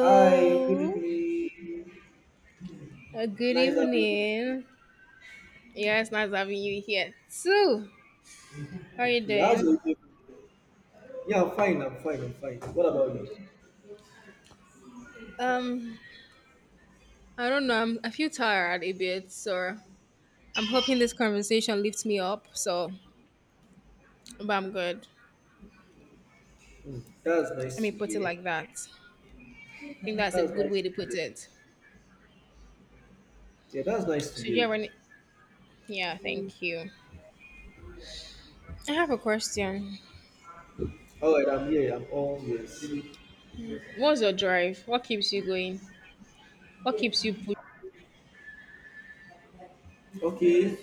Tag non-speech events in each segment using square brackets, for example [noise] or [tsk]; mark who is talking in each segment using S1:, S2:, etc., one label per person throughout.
S1: Hi, good evening.
S2: Good
S1: Nice having you.
S2: evening. Yeah, it's nice having you here too. How are you
S1: Okay, how's
S2: doing?
S1: your evening? Yeah, I'm fine. I'm fine. I'm fine. What about you?
S2: Um, I don't know. I feel tired a bit, so I'm hoping this conversation lifts me up. So, but I'm good.
S1: Hmm, that's
S2: I
S1: nice
S2: mean,
S1: to
S2: put it
S1: hear.
S2: like that. I think that's a
S1: That's
S2: good
S1: nice
S2: way to
S1: to
S2: put
S1: hear.
S2: it.
S1: Yeah, that's nice to
S2: So, do you
S1: hear.
S2: have any? Yeah, thank you. I have a question.
S1: All right, I'm here. I'm all yes.
S2: What's your drive? What keeps you going? What keeps you pushing?
S1: Okay,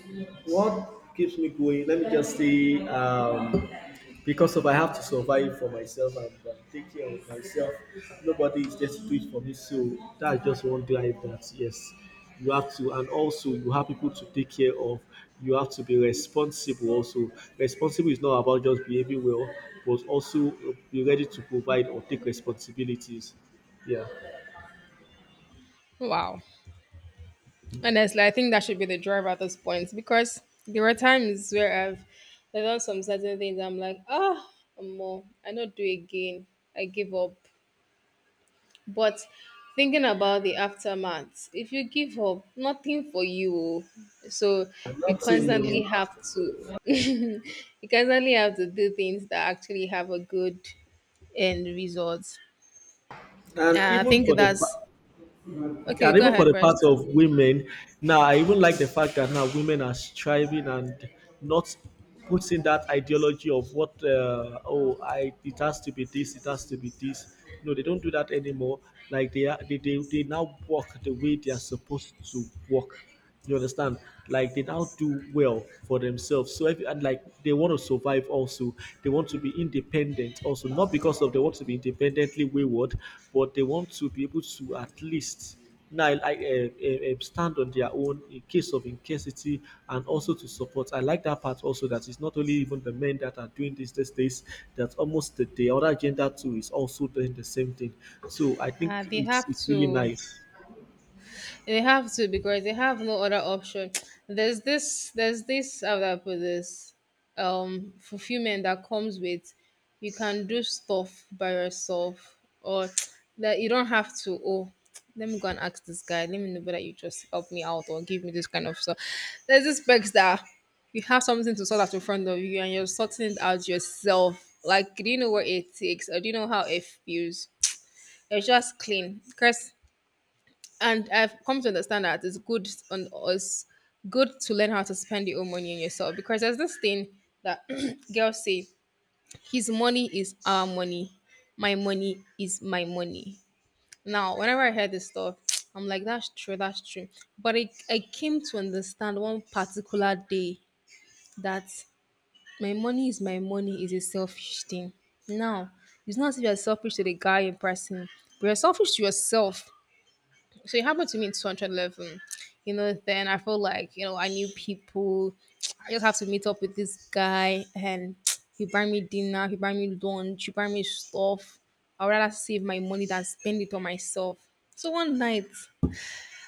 S1: what keeps me going? Let me just say, because of I have to survive for myself and take care of myself. Nobody is there to do it for me, so that's just one life that yes, you have to, and also you have people to take care of. You have to be responsible. Also, responsible is not about just behaving well, but also be ready to provide or take responsibilities. Yeah.
S2: Wow. Honestly, I think that should be the drive at this point because there were times where I've done some certain things. I'm like, oh, more, I don't do again. I give up. But thinking about the aftermath, if you give up, nothing for you. So you
S1: Nothing
S2: constantly
S1: new.
S2: have to, [laughs] you constantly have to do things that actually have a good end result.
S1: And
S2: I
S1: even
S2: think
S1: for the
S2: that's
S1: yeah,
S2: okay.
S1: and
S2: Go
S1: even for
S2: ahead
S1: the
S2: first.
S1: part of women now. I even like the fact that now women are striving and not putting that ideology of what oh, I it has to be this, it has to be this. No, they don't do that anymore. Like they are they now walk the way they are supposed to walk. You understand? Like they now do well for themselves. So if and like they want to survive also, they want to be independent also. Not because of they want to be independently wayward, but they want to be able to at least now like stand on their own in case of incasity, and also to support. I like that part also, that it's not only even the men that are doing this these days, that almost the other gender too is also doing the same thing. So I
S2: Uh,
S1: think
S2: they
S1: it's
S2: have
S1: it's really
S2: to
S1: nice.
S2: They have to because they have no other option. [tsk] There's this, how do I put this? Fulfillment that comes with you can do stuff by yourself or [tsk] that you don't have to. Oh, [tsk] let me go and ask this guy. Let me know whether you just help me out or give me this kind of stuff. There's this perks that you have something to sort out in front of you and you're sorting it out yourself. Like, do you know what it takes or do you know how it feels? You're just clean. Chris and I've come to understand that it's good on us, good to learn how to spend your own money on yourself because there's this thing that [clears throat] girls say, his money is our money, my money is my money. Now, whenever I hear this stuff, [tsk] I'm like, that's true. But I came to understand one particular day that my money is a selfish thing. Now, it's not as if you're selfish to the guy in person, but you're selfish to yourself. So it happened to me in 211. You know, then I felt like, you know, I knew people. I just have to meet up with this guy and [tsk] he buy me dinner, he buy me lunch, he buy me stuff. I'd rather save my money than spend it on myself. So one night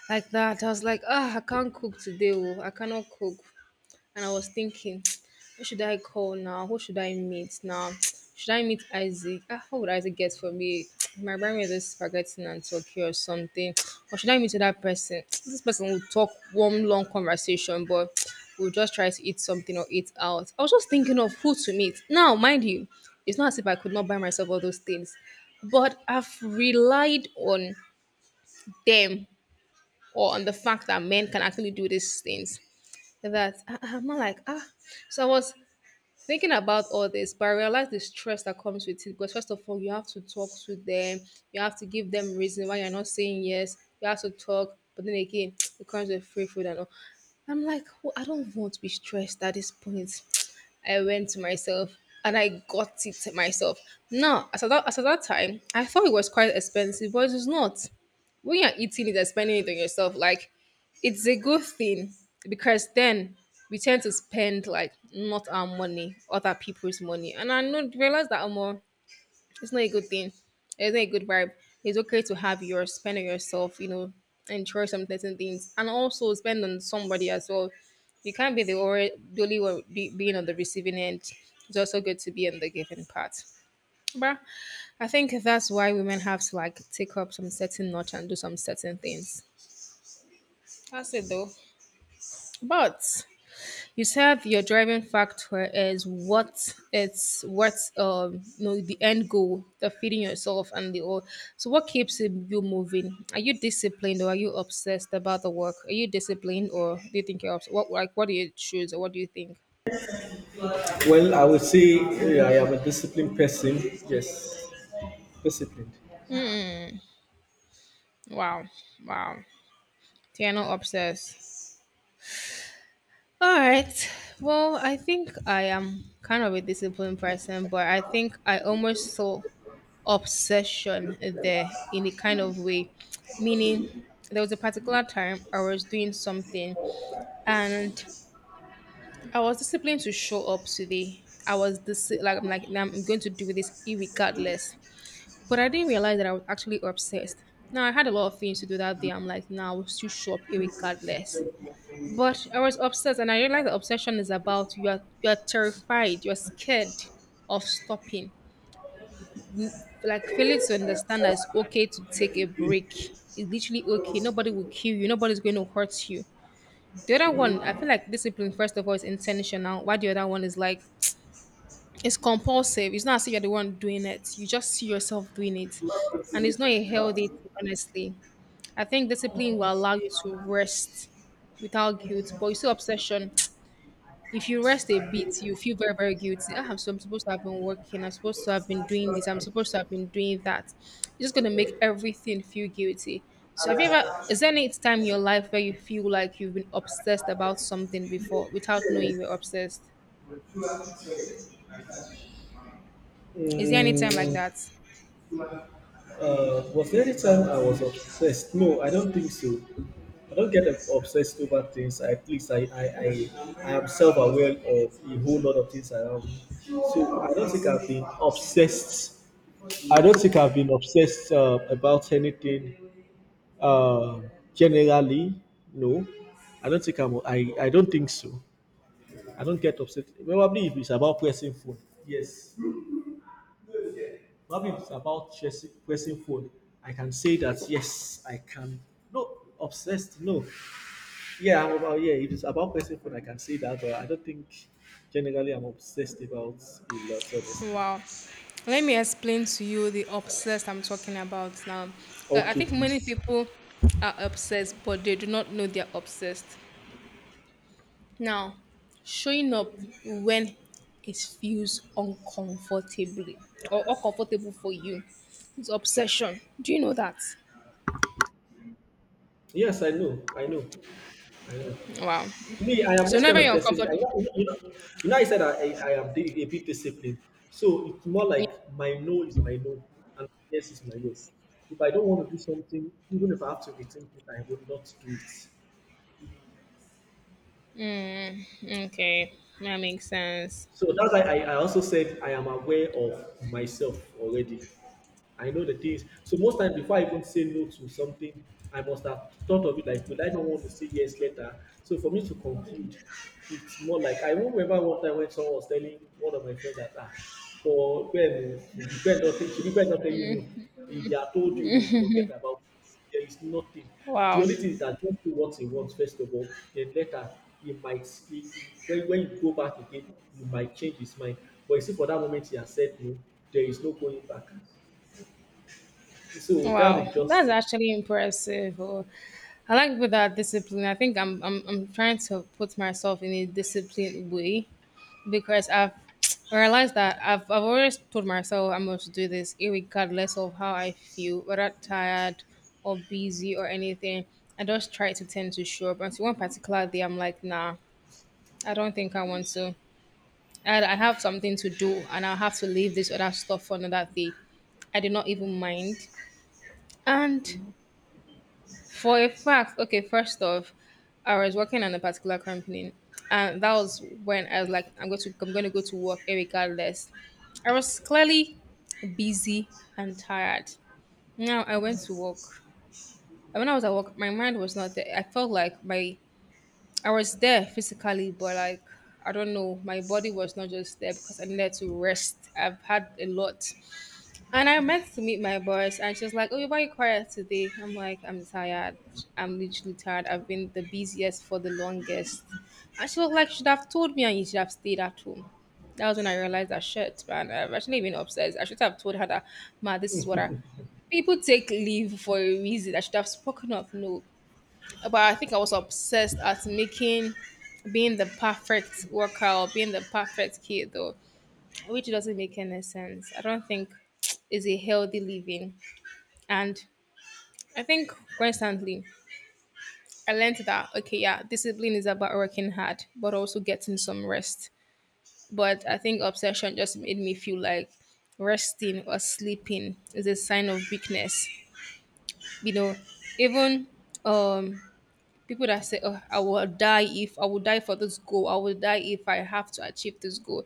S2: like that, I was like, ah, I can't cook today, oh. I cannot cook. And I was thinking, [tsk] who should I call now? Who should I meet now? [tsk] Should I meet Isaac? Ah, what would Isaac get for me? [tsk] My might buy just this spaghetti and turkey or something. [tsk] Or should I meet that person? [tsk] This person will talk one long conversation, but [tsk] we'll just try to eat something or eat out. I was just thinking of who to meet. Now, mind you, it's not as if I could not buy myself all those things, but I've relied on them or on the fact that men can actually do these things that I'm not like ah. So I was thinking about all this, but I realized the stress that comes with it. Because first of all, you have to talk to them, you have to give them reason why you're not saying yes. You have to talk, but then again, [tsk] it comes with free food and all. I'm like, well, I don't want to be stressed at this point. [tsk] I went to myself and I got it myself. Now, as at that time, I thought it was quite expensive, but it's not when you're eating it and spending it on yourself, like it's a good thing because then we tend to spend like not our money, other people's money. And I know realize that more it's not a good thing. It's not a good vibe. It's okay to have yours, spend on yourself, you know, enjoy some certain things. And also spend on somebody as well. You can't be the the only one be, being on the receiving end. It's also good to be on the giving part. But I think that's why women have to like take up some certain notch and do some certain things. That's it though. But you said your driving factor is what it's what you know the end goal, the feeding yourself and the all. So what keeps you moving? Are you disciplined or are you obsessed about the work? Are you disciplined or do you think you're what like what do you choose or what do you think?
S1: Well, I would say yeah, I am a disciplined person. Yes, disciplined.
S2: Wow, wow, so you're not obsessed. All right. Well, I think I am kind of a disciplined person, but I think I almost saw obsession there in a kind of way. Meaning, there was a particular time I was doing something and I was disciplined to show up today. I'm like, "Nah, I'm going to do this regardless. But I didn't realize that I was actually obsessed. Now I had a lot of things to do that day. I'm like, now nah, I will still show up regardless. But I was obsessed, and I realized that obsession is about you are terrified, you are scared of stopping. Like failing to understand that it's okay to take a break. It's literally okay. Nobody will kill you. Nobody's going to hurt you. The other one, I feel like discipline first of all is intentional. Why the other one is like it's compulsive. It's not as if you're the one doing it. You just see yourself doing it, and it's not a healthy thing, honestly. I think discipline will allow you to rest without guilt, but you see obsession. If you rest a bit, you feel very, very guilty. So I'm supposed to have been working. I'm supposed to have been doing this. I'm supposed to have been doing that. It's just gonna make everything feel guilty. So have you ever? Is there any time in your life where you feel like you've been obsessed about something before without knowing you were obsessed? Is there any time like
S1: Mm,
S2: that?
S1: Was there any time I was obsessed? No, I don't think so. I don't get obsessed over things. At least I am self aware of a whole lot of things around me. So I don't think I've been obsessed. I don't think I've been obsessed about anything uh, generally. No, I don't think I'm. I don't think so. I don't get upset. Probably if it's about pressing phone. Yes. Loving it's about chasing, pressing phone. I can say that yes, I can. No, obsessed. No, yeah, I'm about yeah. If it's about pressing phone, I can say that, but I don't think generally I'm obsessed about a lot, honestly.
S2: Wow. Let me explain to you the obsessed I'm talking about now. Like, I
S1: Okay,
S2: think many
S1: please.
S2: people are obsessed, but they do not know they're obsessed. Now, showing up when it feels uncomfortably or uncomfortable for you is obsession. Do you know that?
S1: Yes, I know. I know. I know.
S2: Wow.
S1: Me, I am
S2: So
S1: this kind
S2: whenever
S1: of
S2: you're
S1: person. I,
S2: uncomfortable,
S1: you, know, you, know, you know, I said I am a bit disciplined. So it's more like my no is my no, and yes is my yes. If I don't want to do something, even if I have to rethink it, I will not do it.
S2: yeah, okay, that makes sense.
S1: So that's why I also said I am aware of myself already. I know the things. So most times before I even say no to something, I must have thought of it like, will I not want to say yes later? So for me to conclude, it's more like I won't remember one time when someone was telling one of my friends that ah, for when them, it depends on shebi God don tell you no. If they are told you no, forget about it. There is nothing. The
S2: Wow.
S1: only thing is that just do what he wants first of all. Then later, he might he, when you go back again, you might change his mind. But you see, for that moment he has said no, there is no going back. So that
S2: Wow.
S1: is just
S2: That's
S1: it.
S2: actually impressive. Oh, I like with that discipline. I think I'm trying to put myself in a disciplined way because I've realized that I've always told myself I must do this regardless of how I feel, whether tired or busy or anything. I just try to tend to show up. Until one particular day, I'm like, nah, I don't think I want to. I have something to do and I'll have to leave this other stuff for another day. I did not even mind. And for a fact, okay, first off, I was working on a particular company, and that was when I was like, I'm going to go to work regardless. I was clearly busy and tired. Now I went to work. And when I was at work, my mind was not there. I was there physically, but like I don't know, my body was not just there because I needed to rest. I've had a lot. And I meant to meet my boss, and she was like, "Oh, why are you quiet today?" I'm like, "I'm tired. I'm literally tired. I've been the busiest for the longest." And she was like, "You should have told me, and you should have stayed at home." That was when I realized that shit, man. I've actually been upstairs. I should have told her that, ma, this is what I. People take leave for a reason. I should have spoken up. No, but I think I was obsessed at being the perfect worker or being the perfect kid, though which doesn't make any sense. I don't think [tsk] is a healthy living. And I think constantly I learned that okay, yeah, discipline is about working hard, but also getting some rest. But I think obsession just made me feel like resting or sleeping is a sign of weakness. You know, even um people that say, oh, I will die if I will die for this goal, I will die if I have to achieve this goal.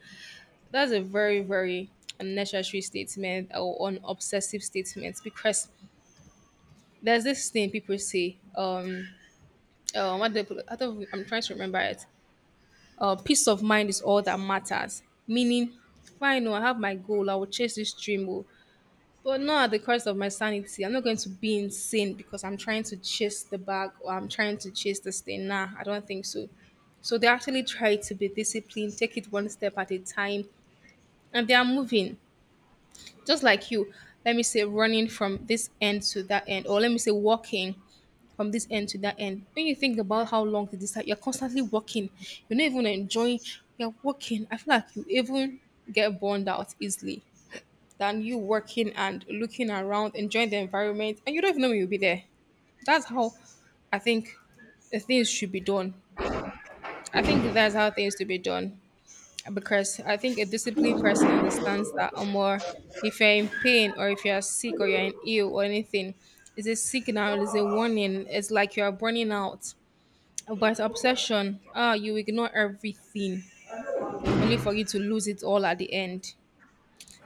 S2: That's a very, very unnecessary statement or an obsessive statement because there's this thing people say, what do they put, I don't, I'm trying to remember it. Peace of mind is all that matters. Meaning, fine, oh, I have my goal, I will chase this dream, oh, but not at the cost of my sanity. I'm not going to be insane because I'm trying to chase the bag or I'm trying to chase this thing. Nah, I don't think so. So they actually try to be disciplined, take it one step at a time, and they are moving. Just like you, let me say running from this end to that end, or let me say walking from this end to that end. When you think about how long it is, like you're constantly walking, you're not even enjoying. You're walking. I feel like you even get burned out easily than you working and looking around enjoying the environment and you don't even know when you'll be there. That's how I think the things should be done I think that's how things should be done. Because I think a disciplined person understands that, or more, if you're in pain or if you're sick or you're in ill or anything, it's a signal, it's a warning, it's like you're burning out. But obsession, ah, you ignore everything only for you to lose it all at the end.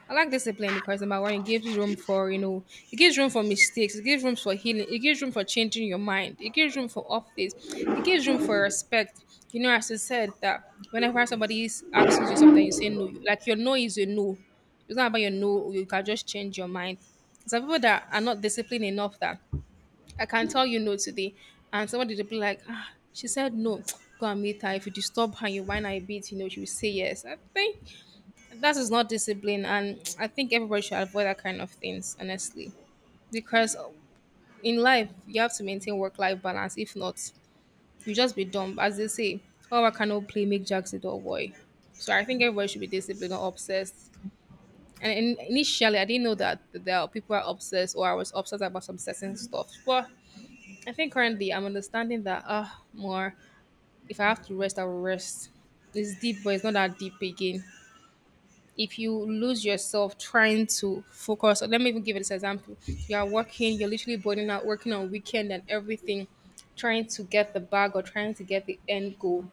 S2: I like discipline because number one, it gives room for it gives room for mistakes, it gives room for healing, it gives room for changing your mind, it gives room for office, it gives room for respect. You know, as I said that whenever asks you something, you say no. Like your no is your no. It's not about your no. You can just change your mind. Some people that are not disciplined enough that I can tell you no today, and somebody will be like, ah, she said no. [tsk] Go and meet her. If you disturb her, you whine her a bit, you know, she will say yes. I think that is not discipline, and I think everybody should avoid that kind of things, honestly. Because in life you have to maintain work life balance. If not, you just be dumb, as they say. Oh, I cannot play, make jacks a dull boy. So I think everybody should be disciplined or obsessed. Initially I didn't know that there are people are obsessed or I was obsessed about some certain stuff, but I think currently I'm understanding that, ah, more. If I have to rest, I will rest. It's deep, but it's not that deep again. If you lose yourself trying to focus, or let me even give this example, you are working, you're literally burning out, working on weekend and everything, trying to get the bag or trying to get the end goal.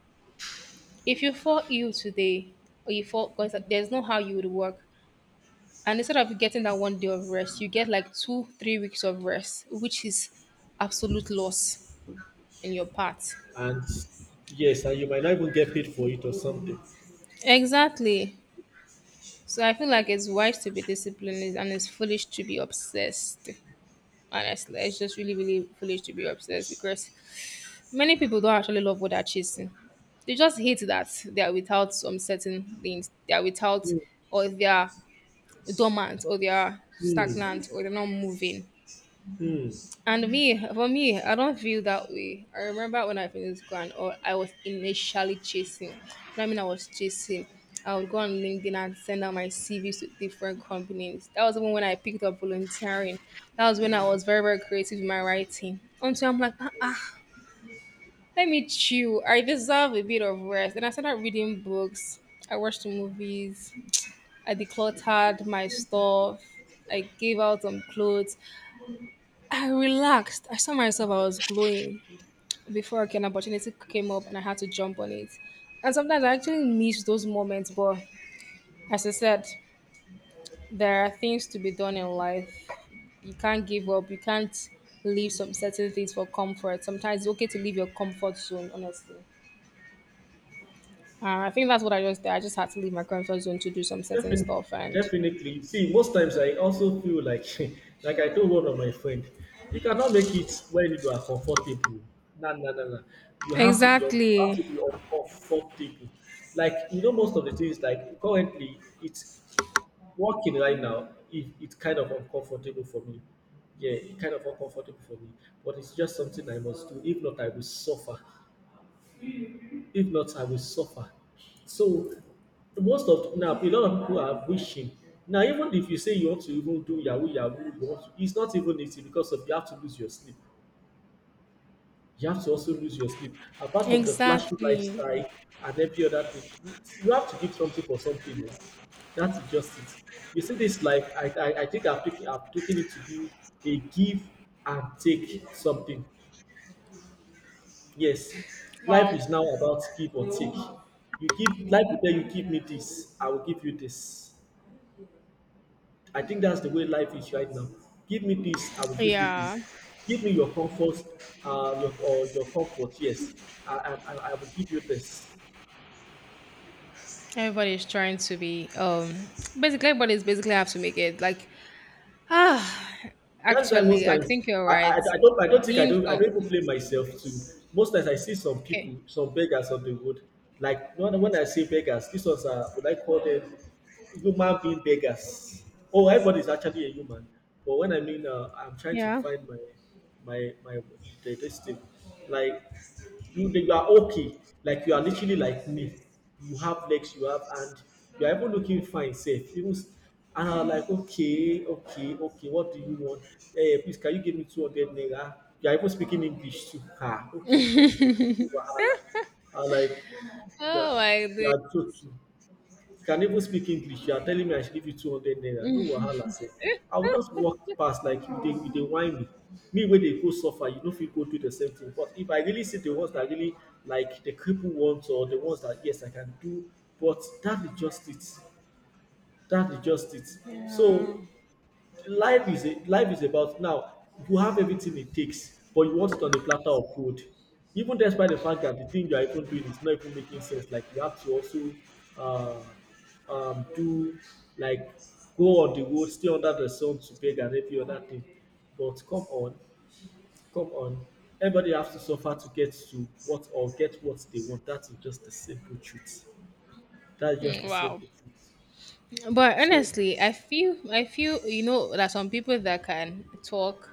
S2: If you fall ill today, or you fall, because there's no how you would work, and instead of getting that 1 day of rest, you get like 2 3 weeks of rest, which is absolute loss in your part.
S1: And yes, and you might not even get paid for it or something.
S2: Exactly. So I feel like it's wise to be disciplined and it's foolish to be obsessed. Honestly, it's just really, really foolish to be obsessed because many people don't actually love what they're chasing. They just hate that they are without some certain things. They are without,
S1: Hmm.
S2: or they are dormant, or they are
S1: Hmm.
S2: stagnant, or they're not moving.
S1: Hmm.
S2: And me, for me, I don't feel that way. I remember when I finished school and all, I was initially chasing. I mean, I was chasing. I would go on LinkedIn and send out my CVs to different companies. That was even when I picked up volunteering. That was when I was very, very creative in my writing. Until I'm like, let me chill. I deserve a bit of rest. And I started reading books. I watched movies. I decluttered my stuff. I gave out some clothes. I relaxed. I saw myself. I was glowing. Before, like, an opportunity came up and I had to jump on it. And sometimes I actually miss those moments, but as I said, there are things to be done in life. You can't give up. You can't leave some certain things for comfort. Sometimes it's okay to leave your comfort zone, honestly. I think that's what I just did. I just had to leave my comfort zone to do some certain
S1: Defin-
S2: stuff. And
S1: definitely. See, most times I also feel like, [laughs] like I told one of my friend, you cannot make it when you are comfortable. No, no, no, no. You have to be you have
S2: exactly.
S1: to be uncomfortable. Like you know, most of the things like currently it's working right now. It's kind of uncomfortable for me. Yeah, it's kind of uncomfortable for me. But it's just something I must do. If not, I will suffer. If not, I will suffer. So most of now a lot of people are wishing. Now, even if you say you want to even do Yahoo Yahoo, you want to, it's not even easy because of you have to lose your sleep. You have to also lose your sleep. Apart from the flashy
S2: Exactly.
S1: lifestyle and every other thing, you have to give something for something. No? That is just it. You see this life, I think I've taken it to be a give and take something. Yes, life
S2: Wow,
S1: is now about give or take. You give, life will tell you give me this, I will give you this. I think that's the way life is right now. Give me this, I will give you this.
S2: yeah,
S1: Give me your comfort, your comfort. Yes, I will give you this.
S2: everybody's trying to be basically, everybody's basically have to make it like [sighs] ah,
S1: That's why most
S2: actually, I
S1: times
S2: think you're right.
S1: I don't,
S2: Being
S1: I
S2: com-
S1: don't even blame myself too. Most times I see some
S2: okay,
S1: people, some beggars on the road. Like when I say beggars, these ones are, would I call them human being beggars? Oh, everybody is actually a human. But when I mean I'm trying to
S2: yeah.
S1: find my this thing. Like you are okay. Like you are literally like me. You have legs, you have, and you are even looking fine, safe. And I am like, okay, okay, okay, what do you want? Hey, please, can you give me 200 naira? You are even speaking English too. Ah, okay, no wahala. I was like, you
S2: Oh,
S1: are,
S2: I
S1: you
S2: do.
S1: are joking. You can even speak English. You are telling me I should give you 200 naira. No wahala, sef. I will just walk past like you dey, you dey whine me. Me wey dey go suffer, you no fit go do the same thing. But if I really see the ones that really, like the cripple ones, or the ones that yes I can do, but that is just it. That is just it.
S2: Yeah.
S1: So life is about now you have everything it takes, but you want it on a platter of food, even despite the fact that the thing you are even doing is not even making sense. Like you have to also uh, do like go on the road, stay under the sun to beg and every other thing. But come on, come on, everybody has to suffer to get to what or get what they want. That is just the simple truth. That is just
S2: Mm,
S1: the
S2: wow.
S1: simple truth.
S2: But
S1: So
S2: honestly, I feel you know that some people that can talk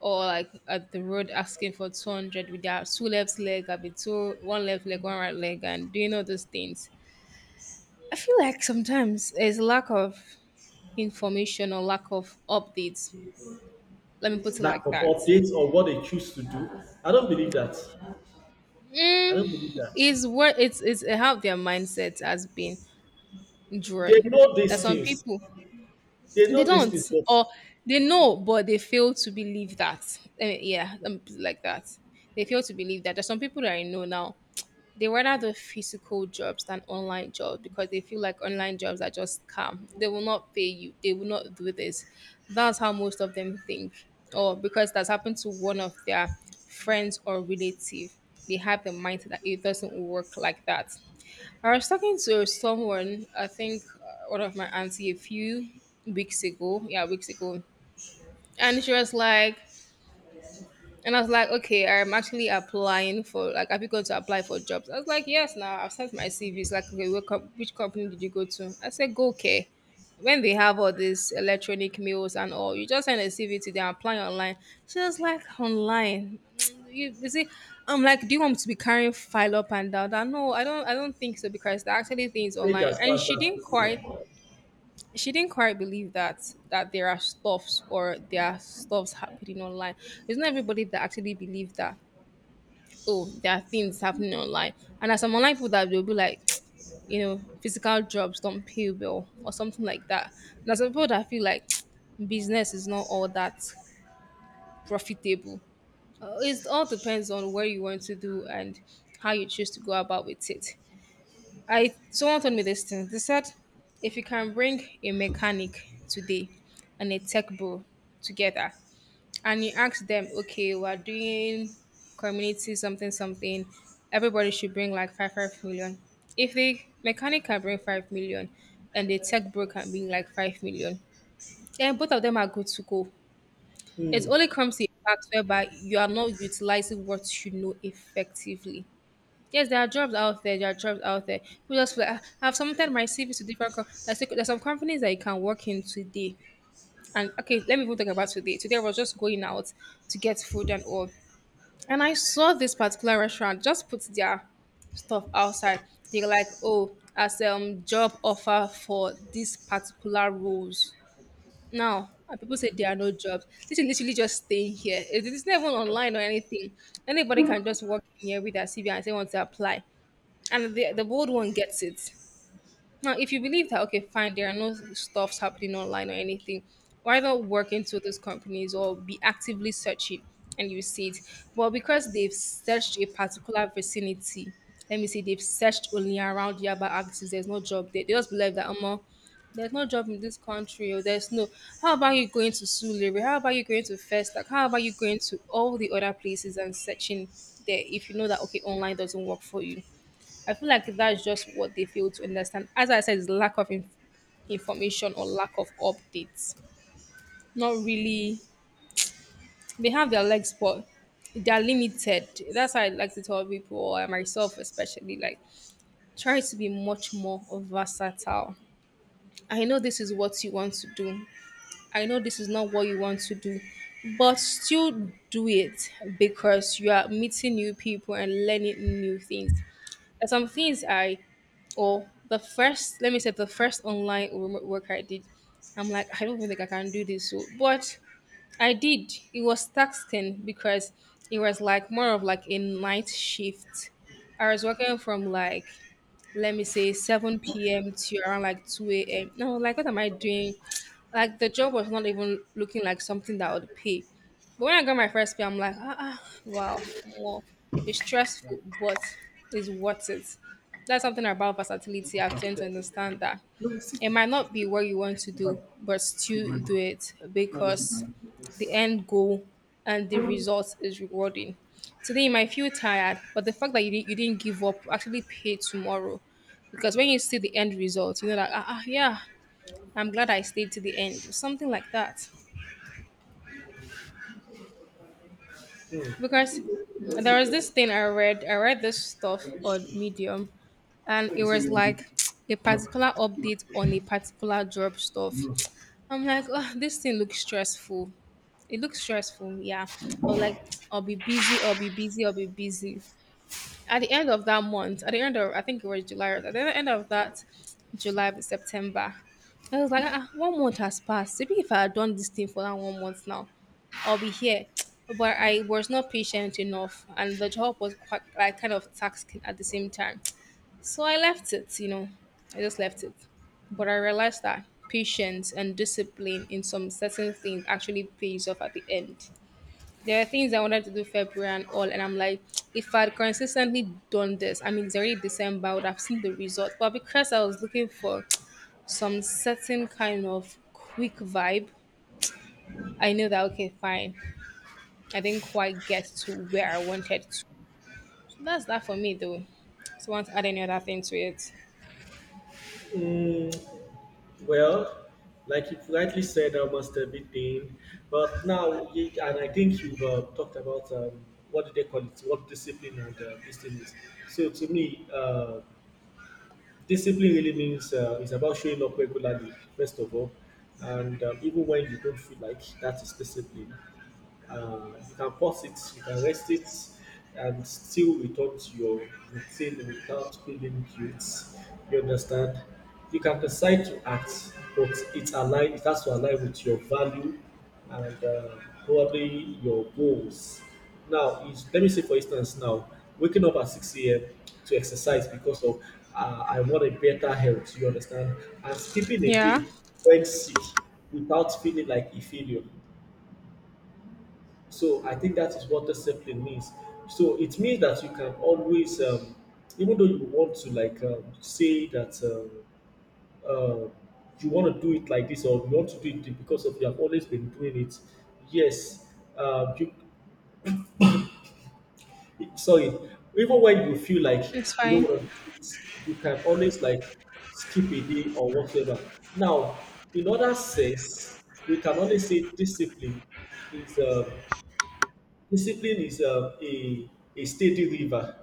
S2: or like at the road asking for 200 with their two left leg, I'll be two one left leg, one right leg, and doing all those things. I feel like sometimes there's lack of information or lack of updates. Let me put it
S1: lack
S2: like
S1: of
S2: that.
S1: updates or what they choose to do, I don't believe that. I don't believe that.
S2: Is where it's how their mindset has been
S1: They
S2: drawn.
S1: know these
S2: That some
S1: things.
S2: people
S1: They
S2: they
S1: know these things.
S2: don't,
S1: But
S2: or they know but they fail to believe that. Eh, yeah, let me put it like that. They fail to believe that. There's some people that I know now. They rather do physical jobs than online jobs because they feel like online jobs are just scam. They will not pay you. They will not do this. That's how most of them think. Or because that's happened to one of their friends or relative. They have the mindset that it doesn't work like that. I was talking to someone, I think one of my auntie a few weeks ago. Yeah, weeks ago. And she was like, and I was like, okay, I'm actually applying for, like, have you gone to apply for jobs? I was like, yes, now I've sent my CV. It's like, okay, which company did you go to? I said, go care. When they have all these electronic mails and all, you just send a CV to them, apply online. She was like, online. [tsk] You see, I'm like, do you want me to be carrying file up and down? That no, I don't. I don't think so, because there are actually things
S1: age
S2: online.
S1: has
S2: And
S1: passed
S2: she
S1: that
S2: didn't
S1: stage
S2: quite
S1: now.
S2: believe that there are stuffs, or there are stuffs happening online. It's not everybody that actually believes that, oh, there are things happening online, and as some online people that will be like [tsk] you know physical jobs don't pay well or something like that. And there's some people that feel like [tsk] business is not all that profitable. It all depends on where you want to do and how you choose to go about with it. I, someone told me this thing. They said if you can bring a mechanic today and a tech bro together, and you ask them, okay, we're doing community something something, everybody should bring like five million. If the mechanic can bring 5 million and the tech bro can bring like 5 million, then both of them are good to go. It
S1: Hmm.
S2: only comes to a fact whereby you are not utilizing what you know effectively. Yes, there are jobs out there. There are jobs out there. People just feel like, "Ah, I've submitted my CV to different. There's some companies that you can work in today. And okay, let me even talk about today. Today I was just going out to get food and all, and I saw this particular restaurant just put their stuff outside. They're like, oh, as job offer for these particular roles. Now, and people say there are no jobs. This is literally just staying here. It's not even online or anything. Anybody can just walk in here with their CV and say want to apply, and the bold one gets it. Now, if you believe that, okay, fine, there are no stuffs happening online or anything, why not work into those companies or be actively searching and you see it? Well, because they've searched a particular vicinity, let me say they've searched only around Yaba axis, there's no job there. They just believe that, Omo, there's no job in this country or there's no, how about you going to Sulere? How about you going to Festac? How about you going to all the other places and searching there if you know that okay online doesn't work for you? I feel like that's just what they fail to understand. As I said, it's lack of information or lack of updates. Not really. They have their legs, but they are limited. That's why I like to tell people, or myself especially, like try to be much more versatile. I know this is what you want to do. I know this is not what you want to do, but still do it because you are meeting new people and learning new things. And some things I, or the first, let me say, the first online remote work I did, I'm like, I don't even think I can do this. So, but I did. It was taxing because it was like more of like a night shift. I was working from let me say 7 p.m. to around like 2 a.m. No, like what am I doing? Like the job was not even looking like something that would pay. But when I got my first pay, I'm like, wow, well, it's stressful, but it's worth it. That's something about versatility. I've tend to understand that it might not be what you want to do, but still do it because the end goal and the result is rewarding. Today you might feel tired, but the fact that you didn't give up will actually pay tomorrow. Because when you see the end result, you know that, yeah, I'm glad I stayed to the end. Something like that. Because there was this thing I read this stuff on Medium, and it
S1: Maybe say
S2: was
S1: yeah,
S2: like
S1: maybe.
S2: [tsk] a particular update on a particular job stuff. I'm like, oh, this thing looks stressful. It looks stressful, yeah. i Or like, I'll be I'll be busy. At the end of that month, at the end of, I think it was July, at the end of that July, September, I was like, one month has passed. Maybe if I had done this thing for that one month now, I'll be here. [tsk] But I was not patient enough, and the job was quite like kind of taxing at the same time. So I left it, I just left it. But I realized that patience and discipline in some certain things actually pays off at the end. There are things I wanted to do February and all, and I'm like, [tsk] if I'd consistently done this, I mean, it's already December, I would have seen the result. But because I was looking for [tsk] some certain kind of quick vibe, I knew that, okay, fine, I didn't quite get to where I wanted to. So that's that for me, though. So, want to add any other thing to it?
S1: Mm, well, like you rightly said, almost everything. But now, you, and I think you've talked about what do they call it, what discipline and this thing is. So to me, discipline really means it's about showing up regularly, first of all, and even when you don't feel like, that is discipline. You can pause it, you can rest it, and still return to your routine without feeling guilt. You understand? You can decide to act, but it align. It has to align with your value and probably your goals. Now, is let me say for instance, now waking up at 6 a.m. to exercise because of I want a better health. You understand? And skipping a
S2: Yeah,
S1: day when sick without feeling like a failure. So I think that is what discipline means. So it means that you can always, even though you want to like say that uh, you want to do it like this, or you want to do it because of you have always been doing it. Yes, you, sorry. Even when you feel like
S2: it's
S1: you don't
S2: fine.
S1: want to do it, you can always like skip a day or whatever. Now, in other sense, we can only say discipline is discipline is a steady river.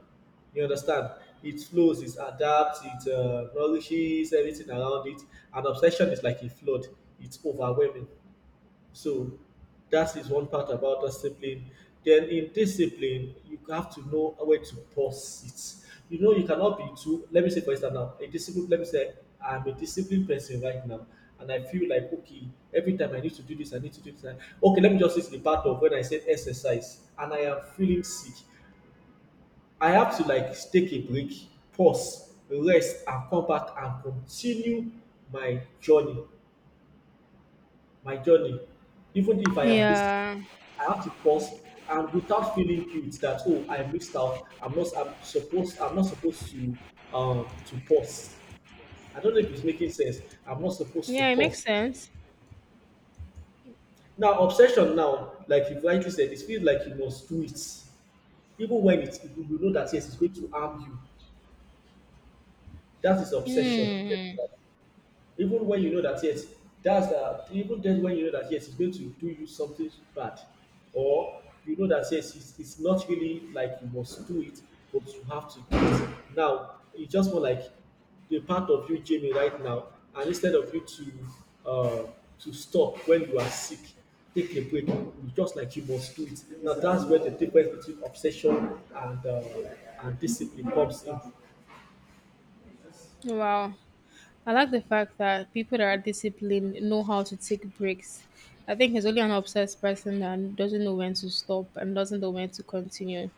S1: You understand? It flows, it adapts, it nourishes everything around it. And obsession is like a flood, it's overwhelming. So that is one part about discipline. Then in discipline, you have to know where to pause it. You know, you cannot be too. Let me say, for instance, now a discipline. Let me say, I'm a disciplined person right now, and I feel like okay, every time I need to do this, I need to do this. Okay, let me just say the part of when I said exercise, and I am feeling sick. I have to like take a break, pause, rest, and come back and continue my journey my journey, even if I am busy,
S2: Yeah,
S1: I have to pause and without feeling guilt that oh I missed out. I'm not supposed to pause. I don't know if it's making sense. I'm not supposed to
S2: yeah, it makes
S1: pause.
S2: sense.
S1: Now obsession now, like you rightly said, it feels like you must do it. Even when it's you know that yes, it's going to harm you. That is obsession.
S2: Hmm.
S1: Even when you know that yes, that's even then when you know that yes, it's going to do you something bad, or you know that yes, it's not really like you must do it, but you have to do it. Now it's just more like the part of you, Jamie, right now, and instead of you uh, to stop when you are sick, take a break. You just like you must do it. Now that's where the difference between obsession and and discipline comes in.
S2: Wow. I like the fact that people that are disciplined know how to take breaks. I think it's only an obsessed person that doesn't know when to stop and doesn't know when to continue.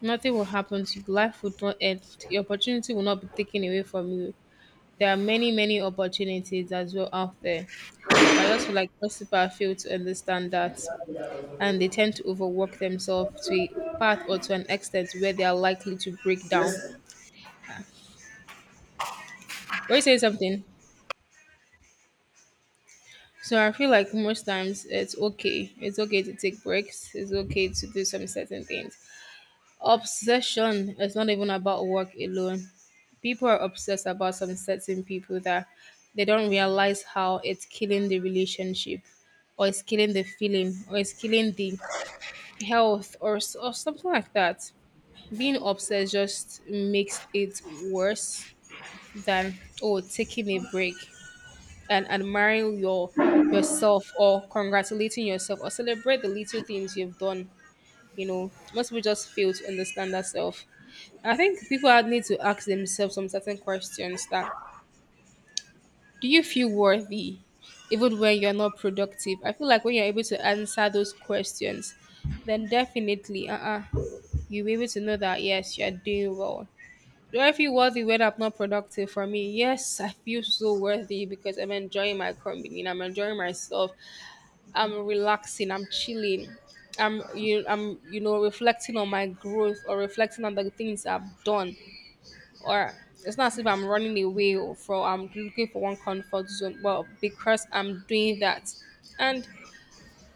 S2: Nothing will happen to you. Life will not end. The opportunity will not be taken away from you. There are many, many opportunities as well out there. But I just feel like most people are fail to understand that and they tend to overwork themselves to a part or to an extent where they are likely to break down.
S1: Yes.
S2: Were you saying something? So I feel like most times it's okay. It's okay to take breaks. It's okay to do some certain things. Obsession is not even about work alone. People are obsessed about some certain people that they don't realize how it's killing the relationship or it's killing the feeling or it's killing the health or something like that. Being obsessed just makes it worse than, oh, taking a break, and admiring yourself or congratulating yourself or celebrate the little things you've done. You know, most people just fail to understand that self. I think need to ask themselves some certain questions that, do you feel worthy even when you're not productive? I feel like when you're able to answer those questions, then definitely you'll be able to know that yes, you're doing well. Do I feel worthy when I'm not productive? For me, yes, I feel so worthy because I'm enjoying my company and I'm enjoying myself. I'm relaxing, I'm chilling, I'm reflecting on my growth or reflecting on the things I've done. Or it's not as if I'm running away or for I'm looking for one comfort zone, but because I'm doing that. And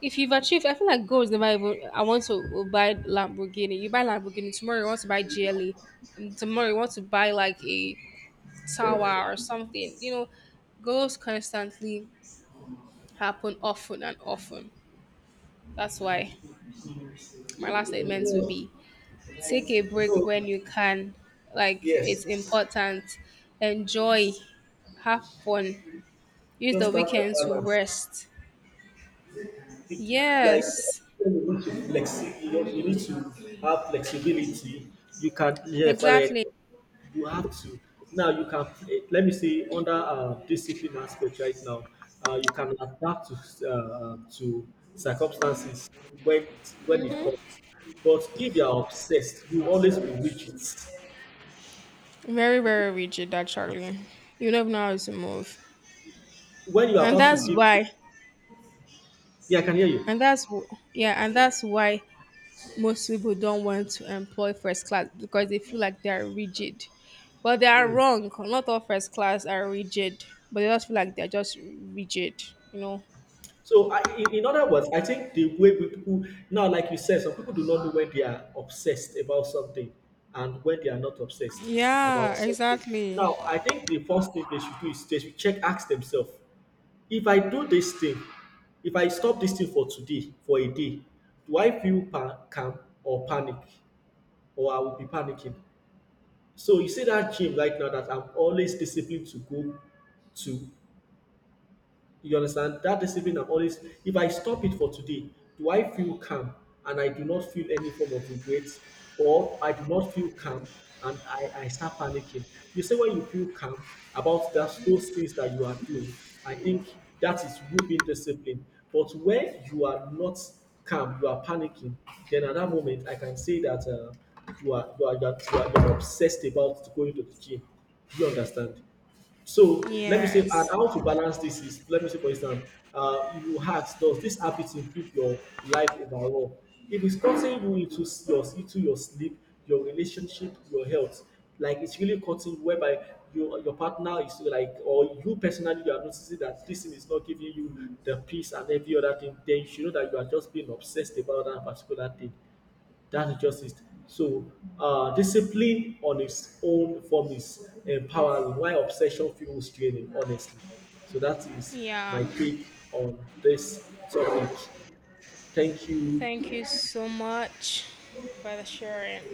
S2: if you've achieved, I feel like goals never even. I want to buy Lamborghini. You buy Lamborghini tomorrow. You want to buy GLE. And tomorrow you want to buy like a tower or something. You know, goals constantly happen often and often. That's why. My last statement would
S1: So,
S2: be, take a break
S1: so,
S2: when you can, like it's
S1: yes,
S2: important. Enjoy, have fun, use the
S1: just have the
S2: weekend to
S1: balance.
S2: rest.
S1: It, like
S2: Yes,
S1: you need to you need to have flexibility. You can yeah, for like,
S2: exactly.
S1: you have to now. You can play. Let me say under discipline aspect right now. You can adapt to circumstances when it comes. But if you are obsessed, you will always be rigid.
S2: Very,
S1: You,
S2: very rigid actually. You never know how to move.
S1: when you are
S2: And
S1: about to
S2: that's
S1: give,
S2: why,
S1: yeah, I can hear you.
S2: yeah, and that's why most people don't want to employ first class because they feel like they are rigid, but they are
S1: Hmm.
S2: wrong. Not all first class are rigid, but they just feel like they're just rigid, you know.
S1: So, in other words, I think the way we people now, like you said, some people do not know when they are obsessed about something and when they are not obsessed
S2: Yeah,
S1: about something.
S2: exactly.
S1: Now, I think the first thing they should do is they should check, ask themselves, if I do this thing, if I stop this thing for today, for a day, do I feel calm or panic, or I will be panicking? So you see that gym right now that I'm always disciplined to go to. You understand? That discipline I'm always, if I stop it for today, do I feel calm and I do not feel any form of regret? Or I do not feel calm and I start panicking. You say when you feel calm about that, those things that you are doing, I think that is within discipline. But when you are not calm, you are panicking, then at that moment, I can say that you are obsessed about going to the gym. Do you understand? So let me say, and
S2: Yes.
S1: how to balance this is, let me say, for instance, you ask, does this habit improve your life overall? If it's cutting you into s- your into your sleep, your relationship, your health, like it's really cutting whereby your partner is like, or you personally, you are noticing that this thing is not giving you the peace and every other thing, then you should know that you are just being obsessed about that particular thing. That's just it. So discipline on its own form is empowering. Why obsession fuels training? Honestly. So that is
S2: Yeah.
S1: my take on this topic. Thank you
S2: Thank you so much for the sharing.